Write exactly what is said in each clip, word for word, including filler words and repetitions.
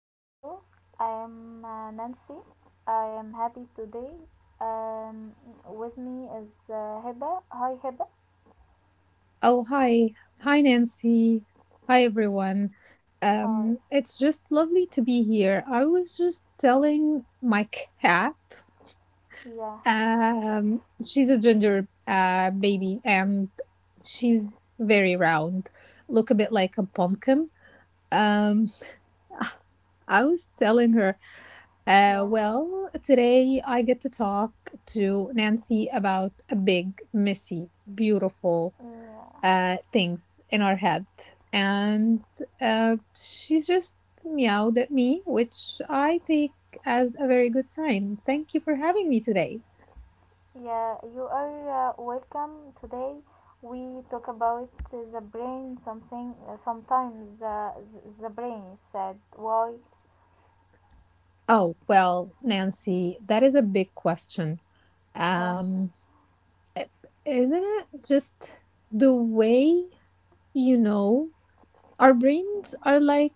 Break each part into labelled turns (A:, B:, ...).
A: to the show. I am uh, Nancy. I am happy today. Um, with me is uh, Hiba. Hi, Hiba.
B: Oh, hi. Hi, Nancy. Hi, everyone.
A: Hi.
B: Um, it's just lovely to be here. I was just telling my cat.
A: Yeah,
B: Um, she's a ginger uh, baby, and she's very round, look a bit like a pumpkin. Um, I was telling her, uh,
A: yeah,
B: well, today I get to talk to Nancy about a big, messy, beautiful
A: yeah.
B: uh, things in our head, and uh, she's just meowed at me, which I take as a very good sign. Thank you for having me today.
A: Yeah, you are uh, welcome today. We talk about uh, the brain, something, uh, sometimes uh, th- the brain said why.
B: Oh, well, Nancy, that is a big question.
A: Yeah,
B: Um, i- isn't it just the way, you know, our brains are like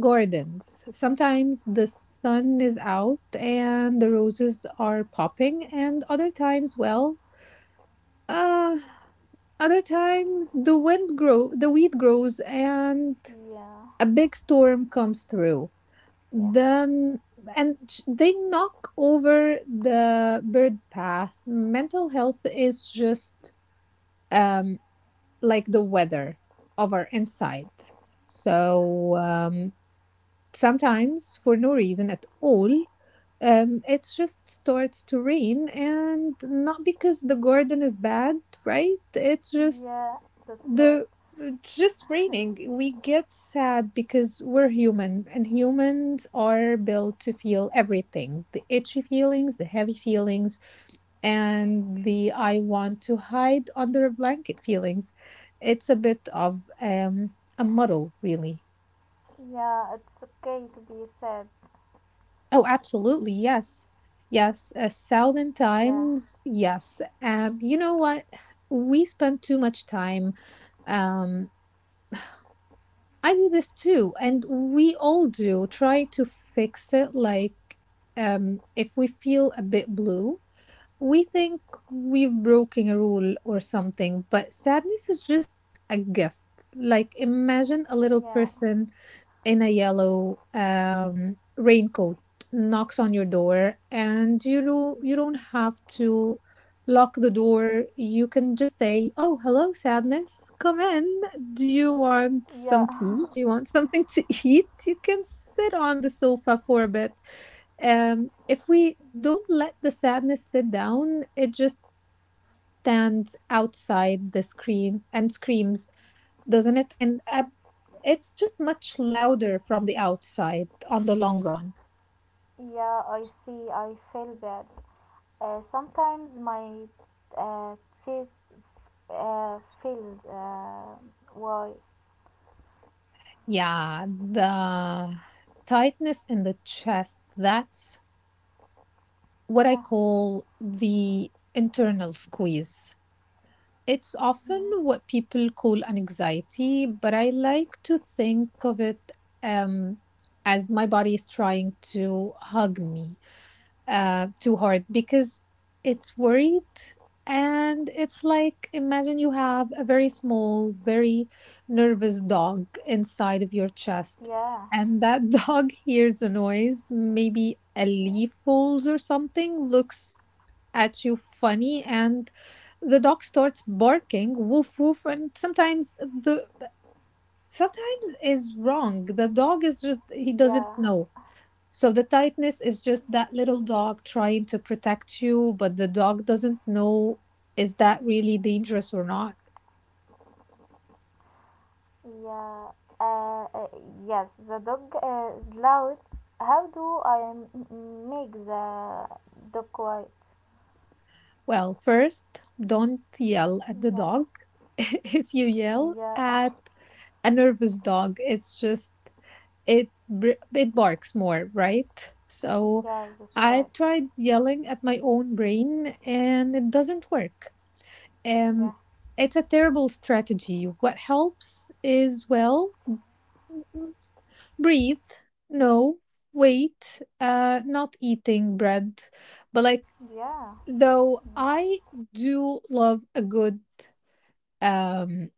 B: gardens. Sometimes the sun is out and the roses are popping, and other times, well, uh, other times the wind grow, the weed grows and
A: yeah,
B: a big storm comes through.
A: yeah,
B: Then and sh- They knock over the bird path. Mental health is just um like the weather of our inside, so um sometimes for no reason at all um it just starts to rain, and not because the garden is bad, right? It's just
A: yeah, that's right.
B: the it's just raining. We get sad because we're human, and humans are built to feel everything: the itchy feelings, the heavy feelings, and the I want to hide under a blanket feelings. It's a bit of um a muddle, really.
A: Yeah, it's okay to be sad.
B: Oh, absolutely, yes. Yes, a thousand
A: Yeah,
B: times yes. Um you know what, we spend too much time um. I do this too, and we all do, try to fix it. Like, um, if we feel a bit blue, we think we've broken a rule or something, but sadness is just a gift. Like, imagine a little
A: Yeah,
B: person in a yellow um, raincoat knocks on your door, and you do, you don't have to lock the door. You can just say, oh hello sadness, come in. Do you want
A: yeah,
B: some tea? Do you want something to eat? You can sit on the sofa for a bit. Um if we don't let the sadness sit down, it just stands outside the screen and screams, doesn't it? And uh, it's just much louder from the outside on the long run.
A: yeah. I see. I feel bad. Uh, sometimes my uh, chest uh, feels uh, why.
B: Yeah, the tightness in the chest, that's what I
A: Yeah,
B: call the internal squeeze. It's often
A: mm,
B: what people call an anxiety, but I like to think of it, um, as my body is trying to hug me uh, too hard because it's worried. And it's like, imagine you have a very small, very nervous dog inside of your chest,
A: yeah,
B: and that dog hears a noise, maybe a leaf falls or something, looks at you funny, and the dog starts barking, woof woof, and sometimes the sometimes is wrong. The dog is just, he doesn't
A: yeah,
B: know. So the tightness is just that little dog trying to protect you, but the dog doesn't know, is that really dangerous or not.
A: yeah. Uh, uh, yes, the dog uh, is loud. How do I m- m- make the dog quiet?
B: Well, first, don't yell at the
A: Yeah,
B: dog. If you yell
A: yeah,
B: at a nervous dog, it's just it br- it barks more, right? So
A: yeah. That's right.
B: I've tried yelling at my own brain, and it doesn't work. Um
A: Yeah,
B: it's a terrible strategy. What helps is, well, breathe. No, wait, uh not eating bread, but like,
A: yeah,
B: though
A: yeah,
B: I do love a good um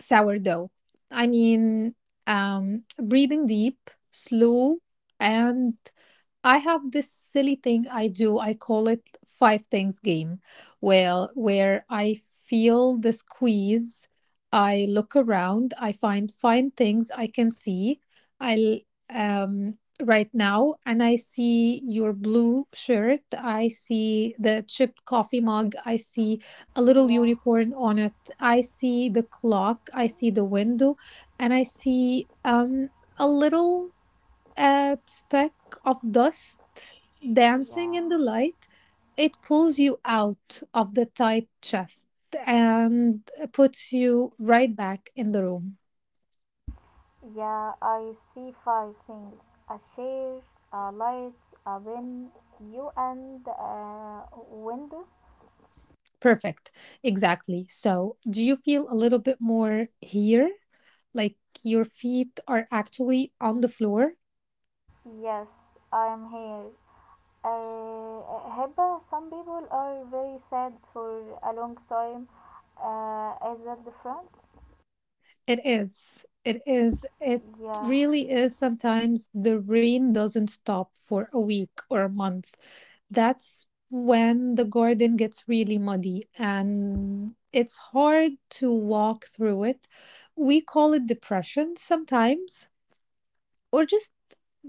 B: sourdough. I mean, um breathing deep, slow. And I have this silly thing I do. I call it five things game, where where I feel the squeeze, I look around, I find fine things I can see. I um right now, and I see your blue shirt, I see the chipped coffee mug, I see a little
A: yeah,
B: unicorn on it. I see the clock, I see the window, and I see um a little, a speck of dust dancing in the
A: yeah.
B: light. It pulls you out of the tight chest and puts you right back in the room.
A: Yeah, I see five things: a chair, a light, a pen, you, and a window.
B: Perfect. Exactly. So, do you feel a little bit more here? Like your feet are actually on the floor.
A: Yes, I am here. Uh, Hiba, some people are very sad for a long time. Uh, is that different?
B: It is. It is. It
A: Yeah,
B: really is. Sometimes the rain doesn't stop for a week or a month. That's when the garden gets really muddy and it's hard to walk through it. We call it depression sometimes, or just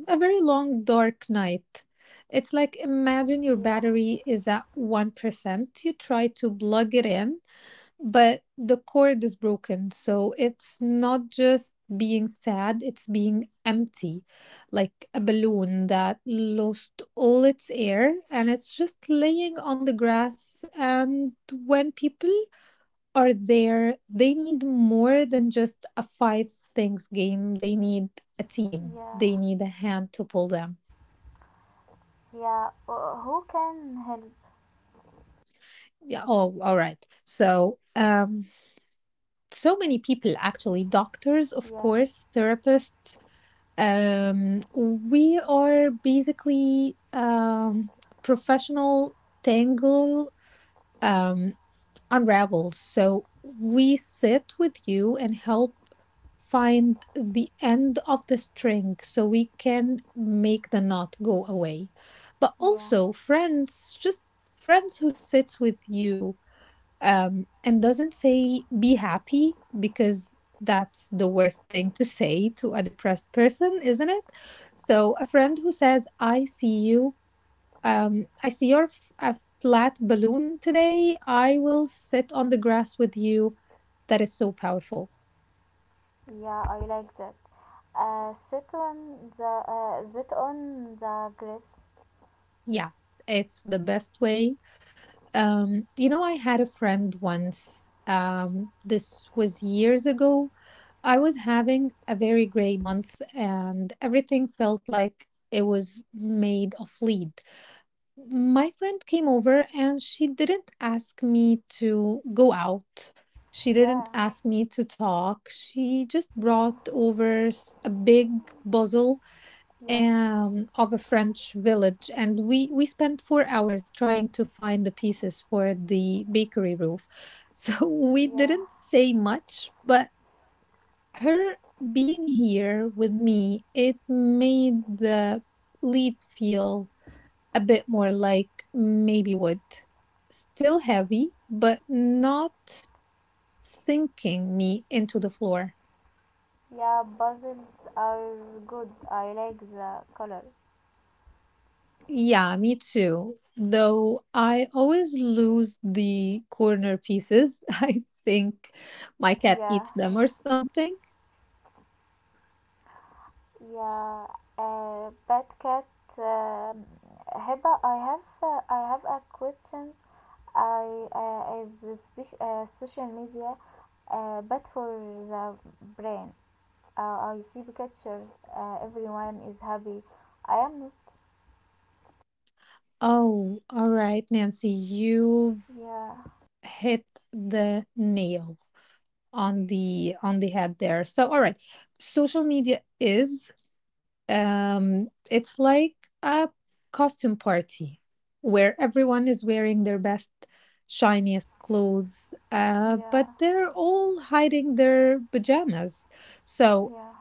B: a very long dark night. It's like, imagine your
A: yeah,
B: battery is at one percent. You try to plug it in, but the cord is broken. So it's not just being sad, it's being empty, like a balloon that lost all its air, and it's just laying on the grass. And when people are there, they need more than just a five things game. They need a team, they
A: yeah,
B: need a hand to pull them.
A: yeah. Uh, who can help?
B: Yeah. Oh, all right, so um so many people, actually. Doctors, of
A: Yeah,
B: course, therapists. Um, we are basically um, professional tangle um, unravels. So we sit with you and help find the end of the string so we can make the knot go away. But
A: yeah,
B: also friends, just friends who sits with you, um, and doesn't say be happy, because that's the worst thing to say to a depressed person, isn't it? So, a friend who says, I see you, um, I see your f- a flat balloon today, I will sit on the grass with you. That is so powerful.
A: yeah. I like that. Uh, sit on the uh, sit on the grass.
B: Yeah, it's the best way. Um, you know, I had a friend once, um, this was years ago. I was having a very gray month, and everything felt like it was made of lead. My friend came over, and she didn't ask me to go out. She
A: Yeah,
B: didn't ask me to talk. She just
A: yeah.
B: brought over s- a big puzzle,
A: Yeah,
B: um, of a French village, and we we spent four hours trying to find the pieces for the bakery roof. So we didn't
A: yeah,
B: say much, but her being here with me, it made the lead feel a bit more like maybe wood. Still heavy, but not sinking me into the floor.
A: yeah. Puzzles are good. I like the color.
B: Yeah, me too. Though I always lose the corner pieces. I think my cat
A: Yeah,
B: eats them
A: yeah,
B: or something.
A: yeah. Uh, bad cat. Uh, Heba, I have, uh, I have a question. I uh, is the spec- uh, social media uh, bad for the brain? Uh, I see pictures. Uh, everyone is happy. I am not.
B: Oh, all right, Nancy, you've
A: Yeah,
B: hit the nail. On the on the head there. So all right, social media is um it's like a costume party where everyone is wearing their best, shiniest clothes, uh but
A: yeah,
B: they're all hiding their pajamas. So
A: yeah,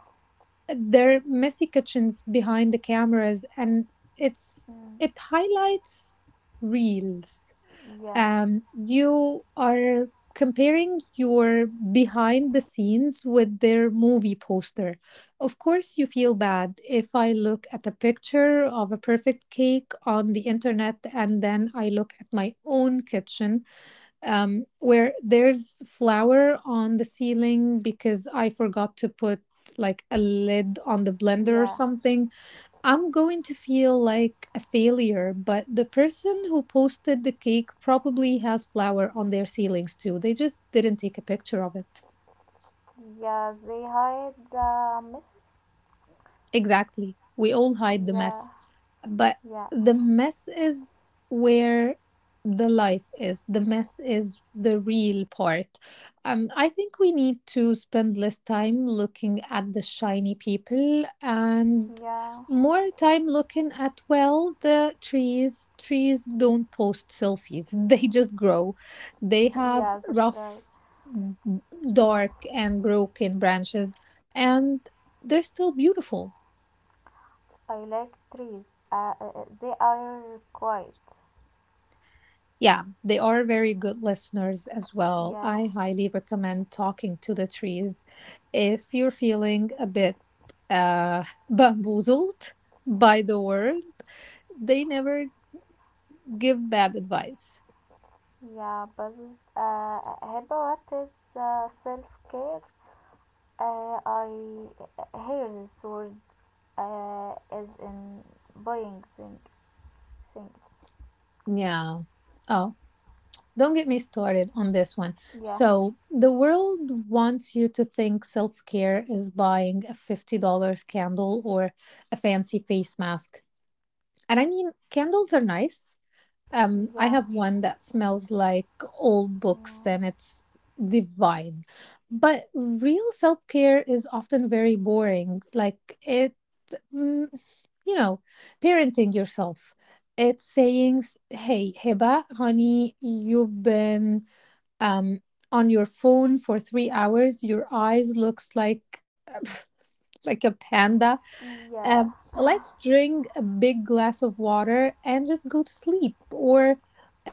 B: they're messy kitchens behind the cameras, and it's
A: mm,
B: it highlights reels.
A: yeah,
B: Um, you are comparing your behind the scenes with their movie poster. Of course, you feel bad. If I look at a picture of a perfect cake on the internet, and then I look at my own kitchen, um, where there's flour on the ceiling because I forgot to put like a lid on the blender or
A: yeah,
B: something, I'm going to feel like a failure. But the person who posted the cake probably has flour on their ceilings too. They just didn't take a picture of it.
A: yeah. They hide the message.
B: Exactly. We all hide the mess.
A: Yeah,
B: But
A: yeah,
B: the mess is where the life is. The mess is the real part. Um I think we need to spend less time looking at the shiny people, and
A: yeah,
B: more time looking at, well, the trees. Trees don't post selfies. They just grow. They have
A: yeah, that's
B: rough,
A: right.
B: b-
A: Yeah,
B: dark and broken branches, and they're still beautiful.
A: I like trees. Uh, uh, uh, they are quiet.
B: Yeah, they are very good listeners as well.
A: Yeah,
B: I highly recommend talking to the trees if you're feeling a bit uh, bamboozled by the world. They never give bad advice.
A: yeah, but uh, how about is uh, self care. Uh, I hear this word uh, as in buying thing, things.
B: Yeah. Oh, don't get me started on this one.
A: Yeah,
B: So, the world wants you to think self care is buying a fifty dollar candle or a fancy face mask. And I mean, candles are nice. Um, I
A: yeah,
B: have one that smells like old books,
A: yeah,
B: and it's divine. But real self-care is often very boring. Like it, mm, you know, parenting yourself. It's saying, s- "Hey, Heba, honey, you've been um on your phone for three hours. Your eyes looks like like a panda.
A: yeah,
B: Um, let's drink a big glass of water and just go to sleep." Or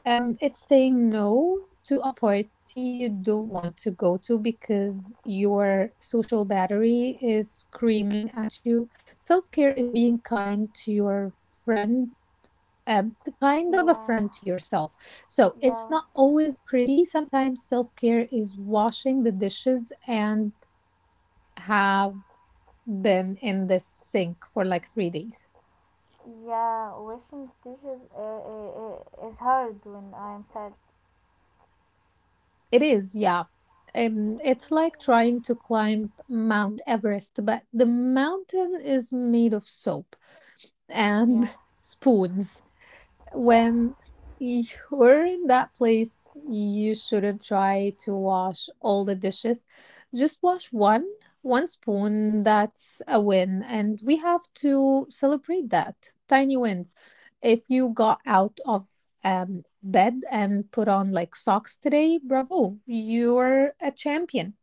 B: um, it's saying no to a party you don't want to go to because your social battery is screaming at you. Self care is being kind to your friend. Um, the kind of a
A: yeah,
B: friend to yourself. So it's
A: yeah.
B: not always pretty. Sometimes self care is washing the dishes and have been in the sink for like three days.
A: Yeah, washing dishes uh, uh, uh, is hard when I'm sad.
B: It is, yeah. Um, it's like trying to climb Mount Everest, but the mountain is made of soap and
A: Yeah.
B: spoons.
A: Yeah,
B: When you're in that place, you shouldn't try to wash all the dishes. Just wash one, one spoon. That's a win. And we have to celebrate that. Tiny wins. If you got out of um, bed and put on like socks today, bravo, you're a champion.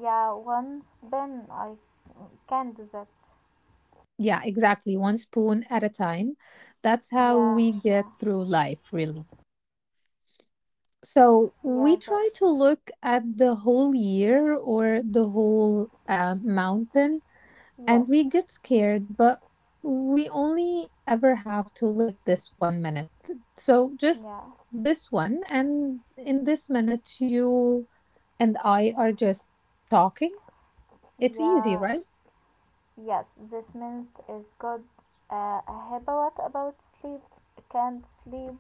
A: yeah. Once Ben, I can do that.
B: Yeah, exactly. One spoon at a time. That's how
A: Yeah,
B: we
A: yeah,
B: get through life, really. So we
A: yeah. The,
B: try to look at the whole year or the whole uh, mountain,
A: yes,
B: and we get scared, but we only ever have to live this one minute. So just
A: yeah,
B: this one, and in this minute, you and I are just talking. It's easy,
A: yeah,
B: right?
A: yes. This mint is good. Uh, uh, what about sleep? Can't sleep.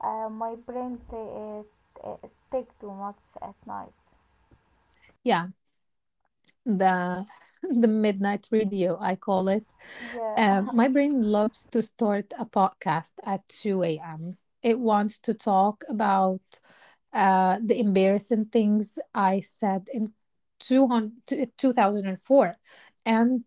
A: Uh, my brain t- it. It take too much at night.
B: Yeah. the the midnight radio I call it.
A: Yeah,
B: Uh, my brain loves to start a podcast at two a m. It wants to talk about uh, the embarrassing things I said in two hundred two thousand four. And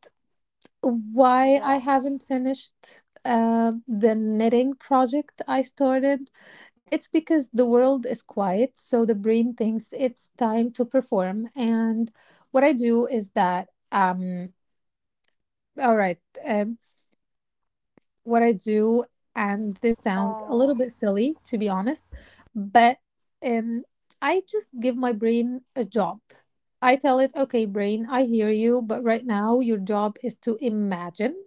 B: why I
A: yeah,
B: haven't finished uh, the knitting project I started. It's because the world is quiet, so the brain thinks it's time to perform. And what I do is that, um, all right, um, what I do, and this sounds a
A: uh,
B: little bit silly to be honest, but um, I just give my brain a job. I tell it, okay, brain, I hear you, but right now your job is to imagine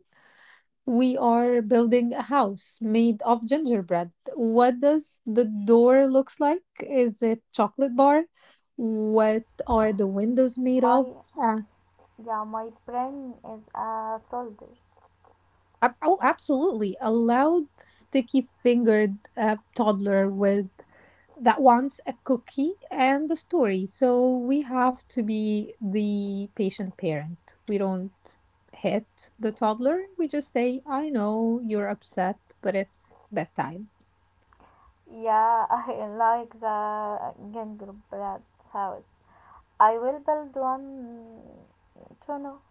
B: we are building a house made of gingerbread. What does the door looks like? Is it chocolate bar? What
A: yeah.
B: are the windows made of?
A: My
B: Uh,
A: yeah, my brain is a uh, soldier.
B: ab- oh, absolutely. A loud, sticky-fingered uh, toddler with that wants a cookie and a story. So we have to be the patient parent. We don't hit the toddler. We just say, I know you're upset, but it's bedtime.
A: Yeah, I like the gingerbread house. I will build one tunnel.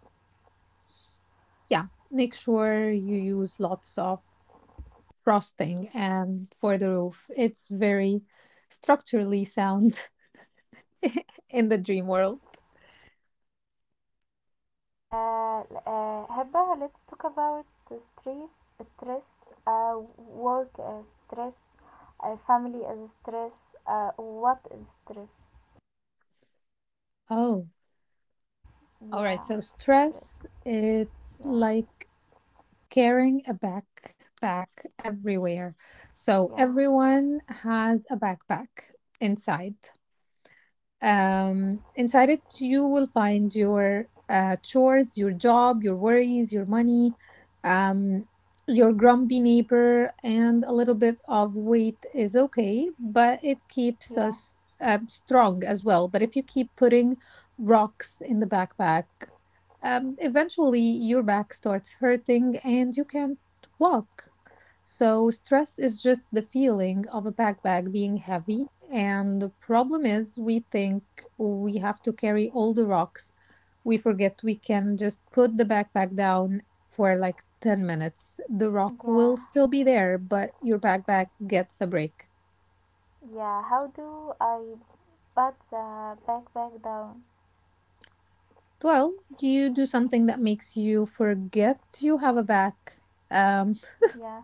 B: Yeah, make sure you use lots of frosting and for the roof. It's very structurally sound in the dream world.
A: Uh, uh, Heba, let's talk about stress, stress, uh, work as stress, uh, family as stress. Uh, what is stress?
B: Oh, all right.
A: Yeah,
B: So
A: stress.
B: stress, it's
A: Yeah,
B: like carrying a backpack everywhere. So
A: yeah,
B: everyone has a backpack inside. Um, inside it, you will find your uh, chores, your job, your worries, your money, um, your grumpy neighbor, and a little bit of weight is okay, but it keeps
A: yeah,
B: us uh, strong as well. But if you keep putting rocks in the backpack, um, eventually your back starts hurting and you can't walk. So, stress is just the feeling of a backpack being heavy. And the problem is, we think we have to carry all the rocks. We forget we can just put the backpack down for like ten minutes. The rock will
A: yeah,
B: still be there, but your backpack gets a break.
A: yeah. How do I put the backpack down?
B: Well, you do something that makes you forget you have a back. Um,
A: Yeah,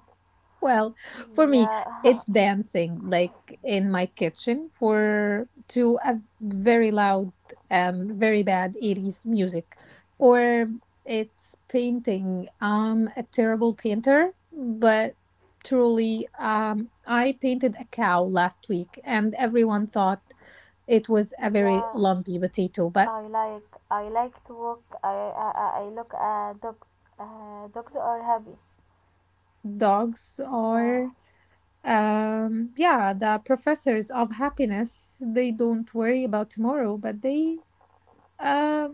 B: Well, for me, it's
A: yeah,
B: dancing, like in my kitchen, for to a very loud, um, very bad eighties music, or it's painting. I'm a terrible painter, but truly, um, I painted a cow last week, and everyone thought it was a very
A: yeah.
B: lumpy potato, but
A: I like I like to walk. I I, I- I look at dogs. Uh, dogs are happy.
B: dogs are.
A: Yeah,
B: Um yeah, the professors of happiness, they don't worry about tomorrow, but they um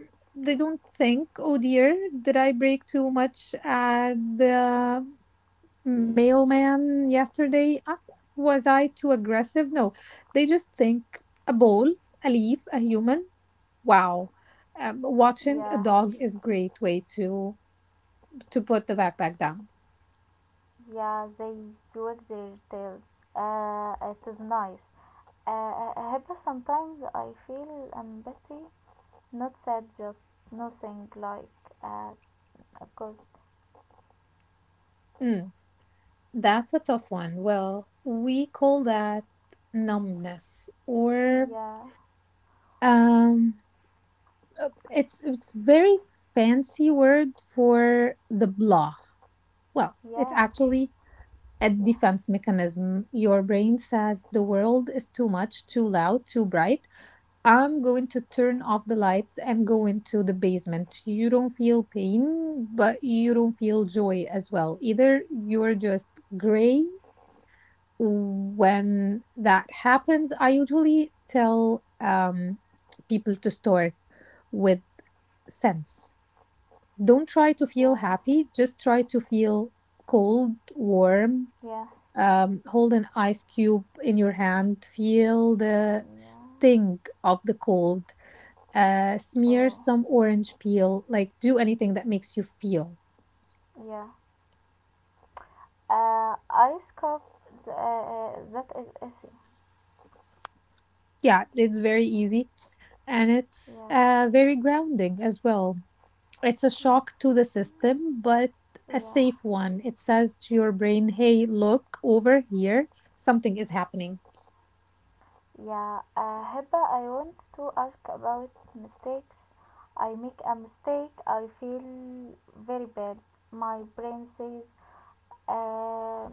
B: they don't think, oh dear, did I break too much at the mailman yesterday? Uh, was I too aggressive? No, they just think a ball, a leaf, a human, wow. Um, watching a
A: yeah,
B: dog is great way to to put the backpack down.
A: yeah. They wag their tails. Uh, it is nice. Uh, uh, uh, but sometimes I feel empathy. Not sad, just nothing like uh, a ghost.
B: Mm, that's a tough one. Well, we call that numbness, or
A: Yeah,
B: um, uh, it's it's very fancy word for the blah. Well, it's
A: yeah,
B: actually a
A: yeah,
B: defense mechanism. Your brain says the world is too much, too loud, too bright. I'm going to turn off the lights and go into the basement. You don't feel pain, but you don't feel joy as well. Either you're just gray. When that happens, I usually tell um, people to start with sense. Don't try to feel
A: yeah,
B: happy, just try to feel cold, warm,
A: yeah,
B: um, hold an ice cube in your hand, feel the
A: yeah.
B: sting of the cold, uh, smear
A: Oh,
B: some orange peel, like do anything that makes you feel.
A: yeah. Uh, I scoff. Uh, uh, that is easy.
B: Yeah, it's very easy and it's
A: Yeah.
B: uh, very grounding as well. It's a
A: Mm.
B: shock to the system, but a
A: Yeah,
B: safe one. It says to your brain, hey, look over here, something is happening.
A: yeah. Uh, Hiba, I want to ask about mistakes. I make a mistake, I feel very bad. My brain says, uh,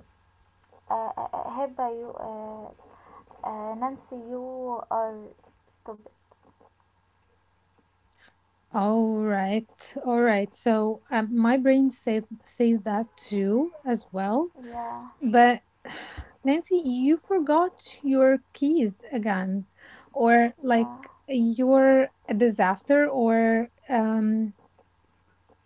A: uh, uh, Hiba, you, uh, uh, Nancy, you are stupid.
B: All right, all right. So um, my brain said says that too as well.
A: Yeah,
B: But Nancy, you forgot your keys again, or like
A: yeah.
B: you're a disaster, or um,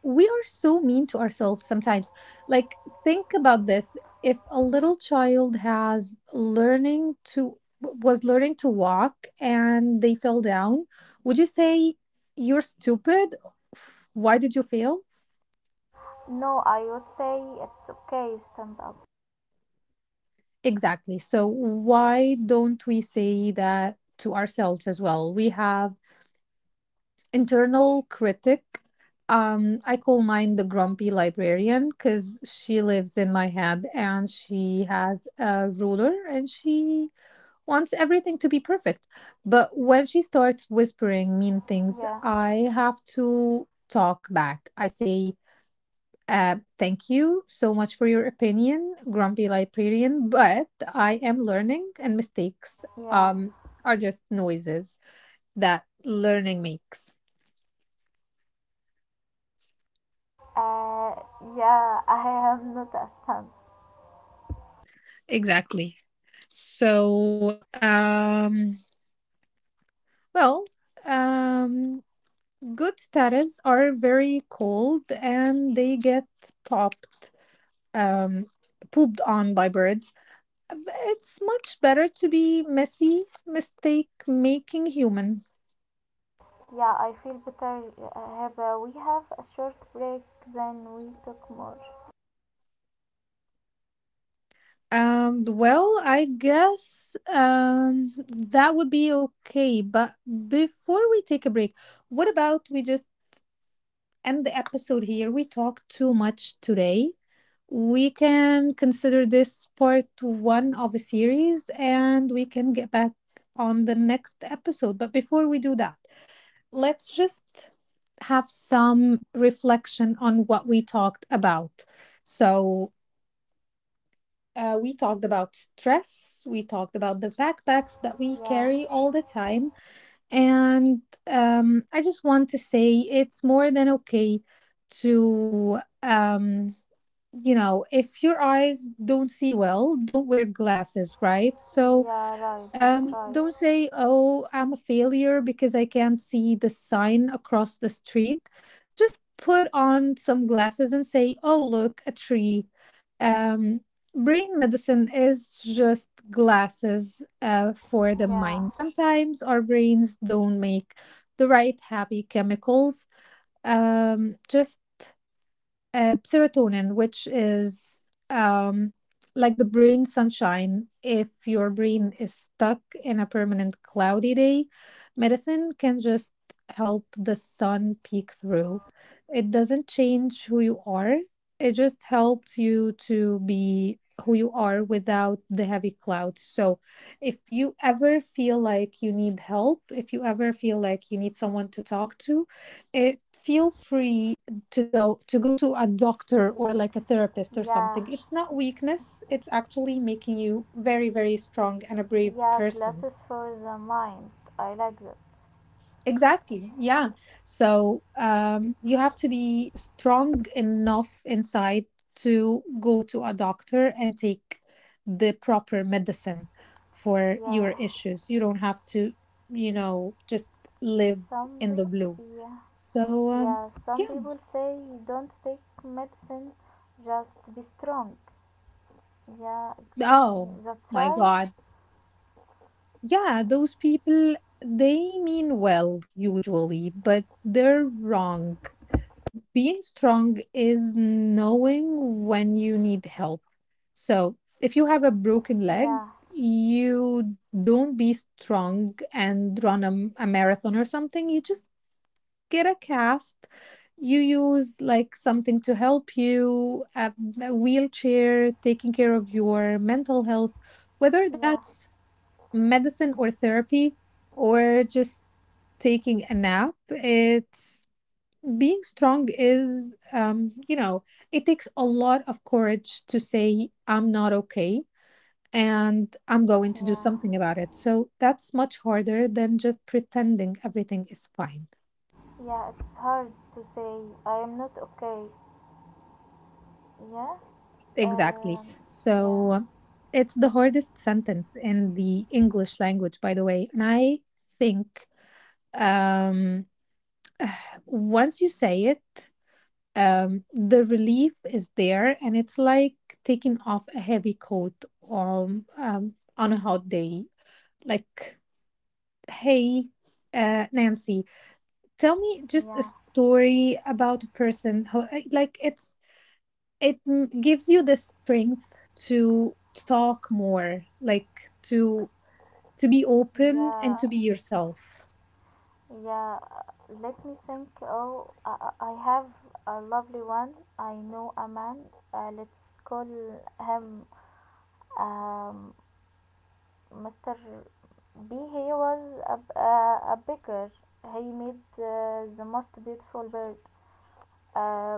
B: we are so mean to ourselves sometimes. Like, think about this. If a little child has learning to was learning to walk and they fell down, would you say you're stupid? Why did you fail?
A: No, I would say it's okay, stand up.
B: Exactly. So, why don't we say that to ourselves as well? We have internal critic. Um, I call mine the grumpy librarian because she lives in my head and she has a ruler and she wants everything to be perfect. But when she starts whispering mean things,
A: Yeah,
B: I have to talk back. I say, uh, thank you so much for your opinion, Grumpy Librarian, but I am learning and mistakes
A: yeah.
B: um are just noises that learning makes.
A: Uh, yeah, I am not a stand.
B: Exactly. So, um, well, um, good status are very cold and they get popped, um, pooped on by birds. It's much better to be messy, mistake making human.
A: Yeah, I feel better. Uh, Have uh, we have a short break, then we talk more.
B: Um, well, I guess um that would be okay. But before we take a break, what about we just end the episode here? We talked too much today. We can consider this part one of a series and we can get back on the next episode. But before we do that, let's just have some reflection on what we talked about. So, uh, we talked about stress. We talked about the backpacks that we
A: Yeah,
B: carry all the time. And um, I just want to say it's more than okay to, um, you know, if your eyes don't see well, don't wear glasses, right? So
A: yeah, right, that's
B: um,
A: right.
B: don't say, "Oh, I'm a failure because I can't see the sign across the street." Just put on some glasses and say, "Oh, look, a tree." Um, Brain medicine is just glasses uh, for the
A: Yeah,
B: mind. Sometimes our brains don't make the right happy chemicals. Um, just uh, Serotonin, which is um, like the brain sunshine. If your brain is stuck in a permanent cloudy day, medicine can just help the sun peek through. It doesn't change who you are, it just helps you to be who you are without the heavy clouds. So if you ever feel like you need help, if you ever feel like you need someone to talk to, it feel free to do to go to a doctor or like a therapist or
A: yeah,
B: something. It's not weakness, it's actually making you very very strong and a brave
A: yeah.
B: person.
A: Glasses for the mind. I like that.
B: Exactly, yeah. So um you have to be strong enough inside to go to a doctor and take the proper medicine for
A: Yeah,
B: your issues. You don't have to, you know, just live
A: some
B: in the
A: people.
B: blue.
A: Yeah,
B: So um
A: yeah. Some
B: yeah.
A: people say don't take medicine, just be strong. Yeah,
B: Oh
A: that's
B: my
A: right.
B: god. Yeah, those people, they mean well usually, but they're wrong. Being strong is knowing when you need help. So if you have a broken leg,
A: Yeah,
B: you don't be strong and run a, a marathon or something. You just get a cast. You use like something to help you, a, a wheelchair, taking care of your mental health, whether
A: yeah,
B: that's medicine or therapy or just taking a nap. It's being strong is um you know, it takes a lot of courage to say, I'm not okay, and I'm going to do
A: yeah,
B: something about it. So that's much harder than just pretending everything is fine.
A: yeah. It's hard to say I am not okay. Yeah,
B: Exactly.
A: um, yeah.
B: So it's the hardest sentence in the English language, by the way. And I think, um once you say it, um, the relief is there, and it's like taking off a heavy coat um, um, on a hot day. Like, hey, uh, Nancy, tell me just a
A: Yeah,
B: story about a person who, uh, like, it's it m- gives you the strength to talk more, like to to be open and
A: yeah,
B: to be yourself.
A: yeah. uh, Let me think. Oh, I, I I have a lovely one. I know a man. Uh, let's call him um, Mister B. He was a, a, a baker. He made uh, the most beautiful bird. Uh,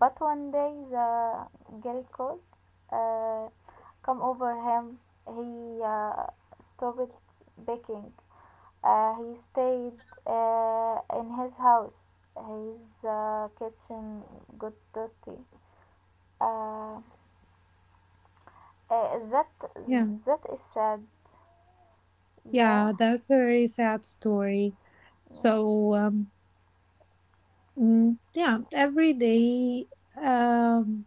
A: but one day the girl called. Uh, Come over him. He uh, stopped baking. Uh, he stayed uh, in his house. His uh, kitchen got dusty. Uh, uh, that
B: Yeah,
A: that is sad. Yeah,
B: yeah, that's a very sad story.
A: yeah,
B: So. um, Mm, yeah, every day, um,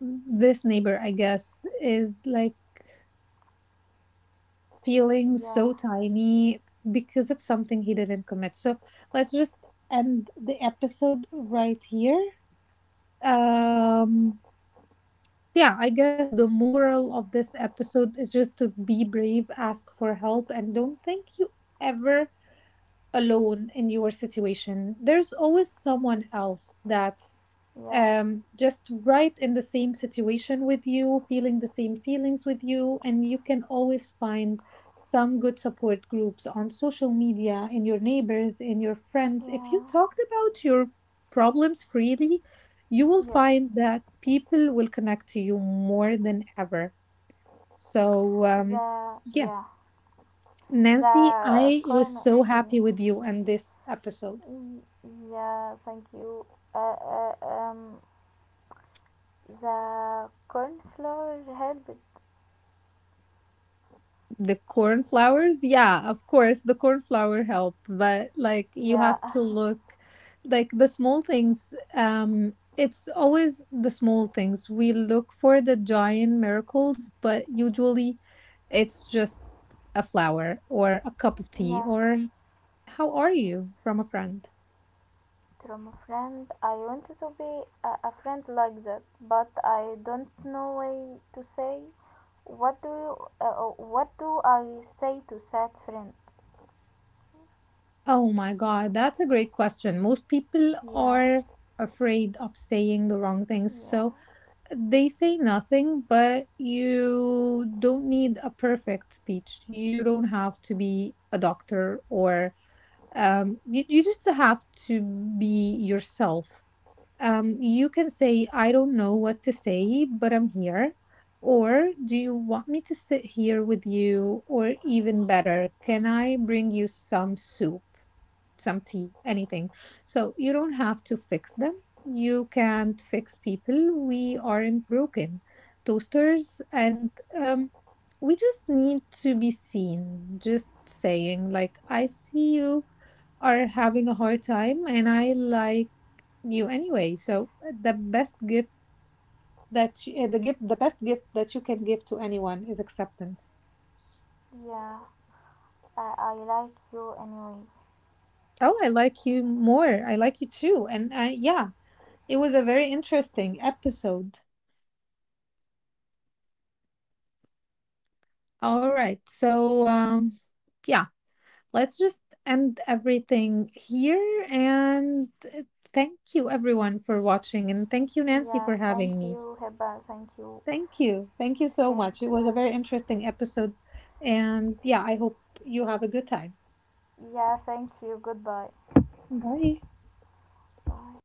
B: this neighbor, I guess, is like feeling
A: yeah,
B: so tiny because of something he didn't commit. So let's just end the episode right here.
A: yeah,
B: Um, yeah, I guess the moral of this episode is just to be brave, ask for help, and don't think you ever alone in your situation. There's always someone else that's
A: yeah,
B: um, just right in the same situation with you, feeling the same feelings with you, and you can always find some good support groups on social media, in your neighbors, in your friends. If you
A: yeah.
B: talked about your problems freely, you will
A: Yes.
B: find that people will connect to you more than ever. So, um,
A: The
B: yeah,
A: Yeah,
B: Nancy,
A: the
B: I was
A: corner.
B: so
A: Yeah,
B: happy with you and this episode.
A: yeah, thank you. Uh, uh, um, the cornflower helped.
B: The cornflowers? Yeah, of course, the cornflower help, but like you
A: Yeah,
B: have to look like the small things. Um, it's always the small things. We look for the giant miracles, but usually it's just a flower or a cup of tea
A: yeah.
B: or how are you from a friend?
A: From a friend. I wanted to be a, a friend like that, but I don't know way to say. What do you, uh, uh, what do I say to that friend?
B: Oh my God, that's a great question. Most people
A: Yeah,
B: are afraid of saying the wrong things. So
A: yeah,
B: they say nothing, but you don't need a perfect speech. You don't have to be a doctor or um, you, you just have to be yourself. Um, you can say, I don't know what to say, but I'm here. Or do you want me to sit here with you? Or even better, can I bring you some soup, some tea, anything? So you don't have to fix them. You can't fix people. We aren't broken toasters. And um, We just need to be seen. Just saying, like, I see you are having a hard time and I like you anyway. So uh, the best gift that you, uh, the gift the best gift that you can give to anyone is acceptance.
A: yeah. I, I like you anyway.
B: Oh, I like you more, I like you too, and I, yeah, it was a very interesting episode. All right, so um yeah, let's just end everything here and uh, thank you everyone for watching, and thank you Nancy
A: Yeah,
B: for having
A: thank
B: me.
A: you, Heba. Thank you,
B: Thank you. Thank you so
A: thank
B: much. It was a
A: you.
B: very interesting episode. And yeah, I hope you have a good time.
A: Yeah, thank you. Goodbye.
B: Bye.
A: Bye.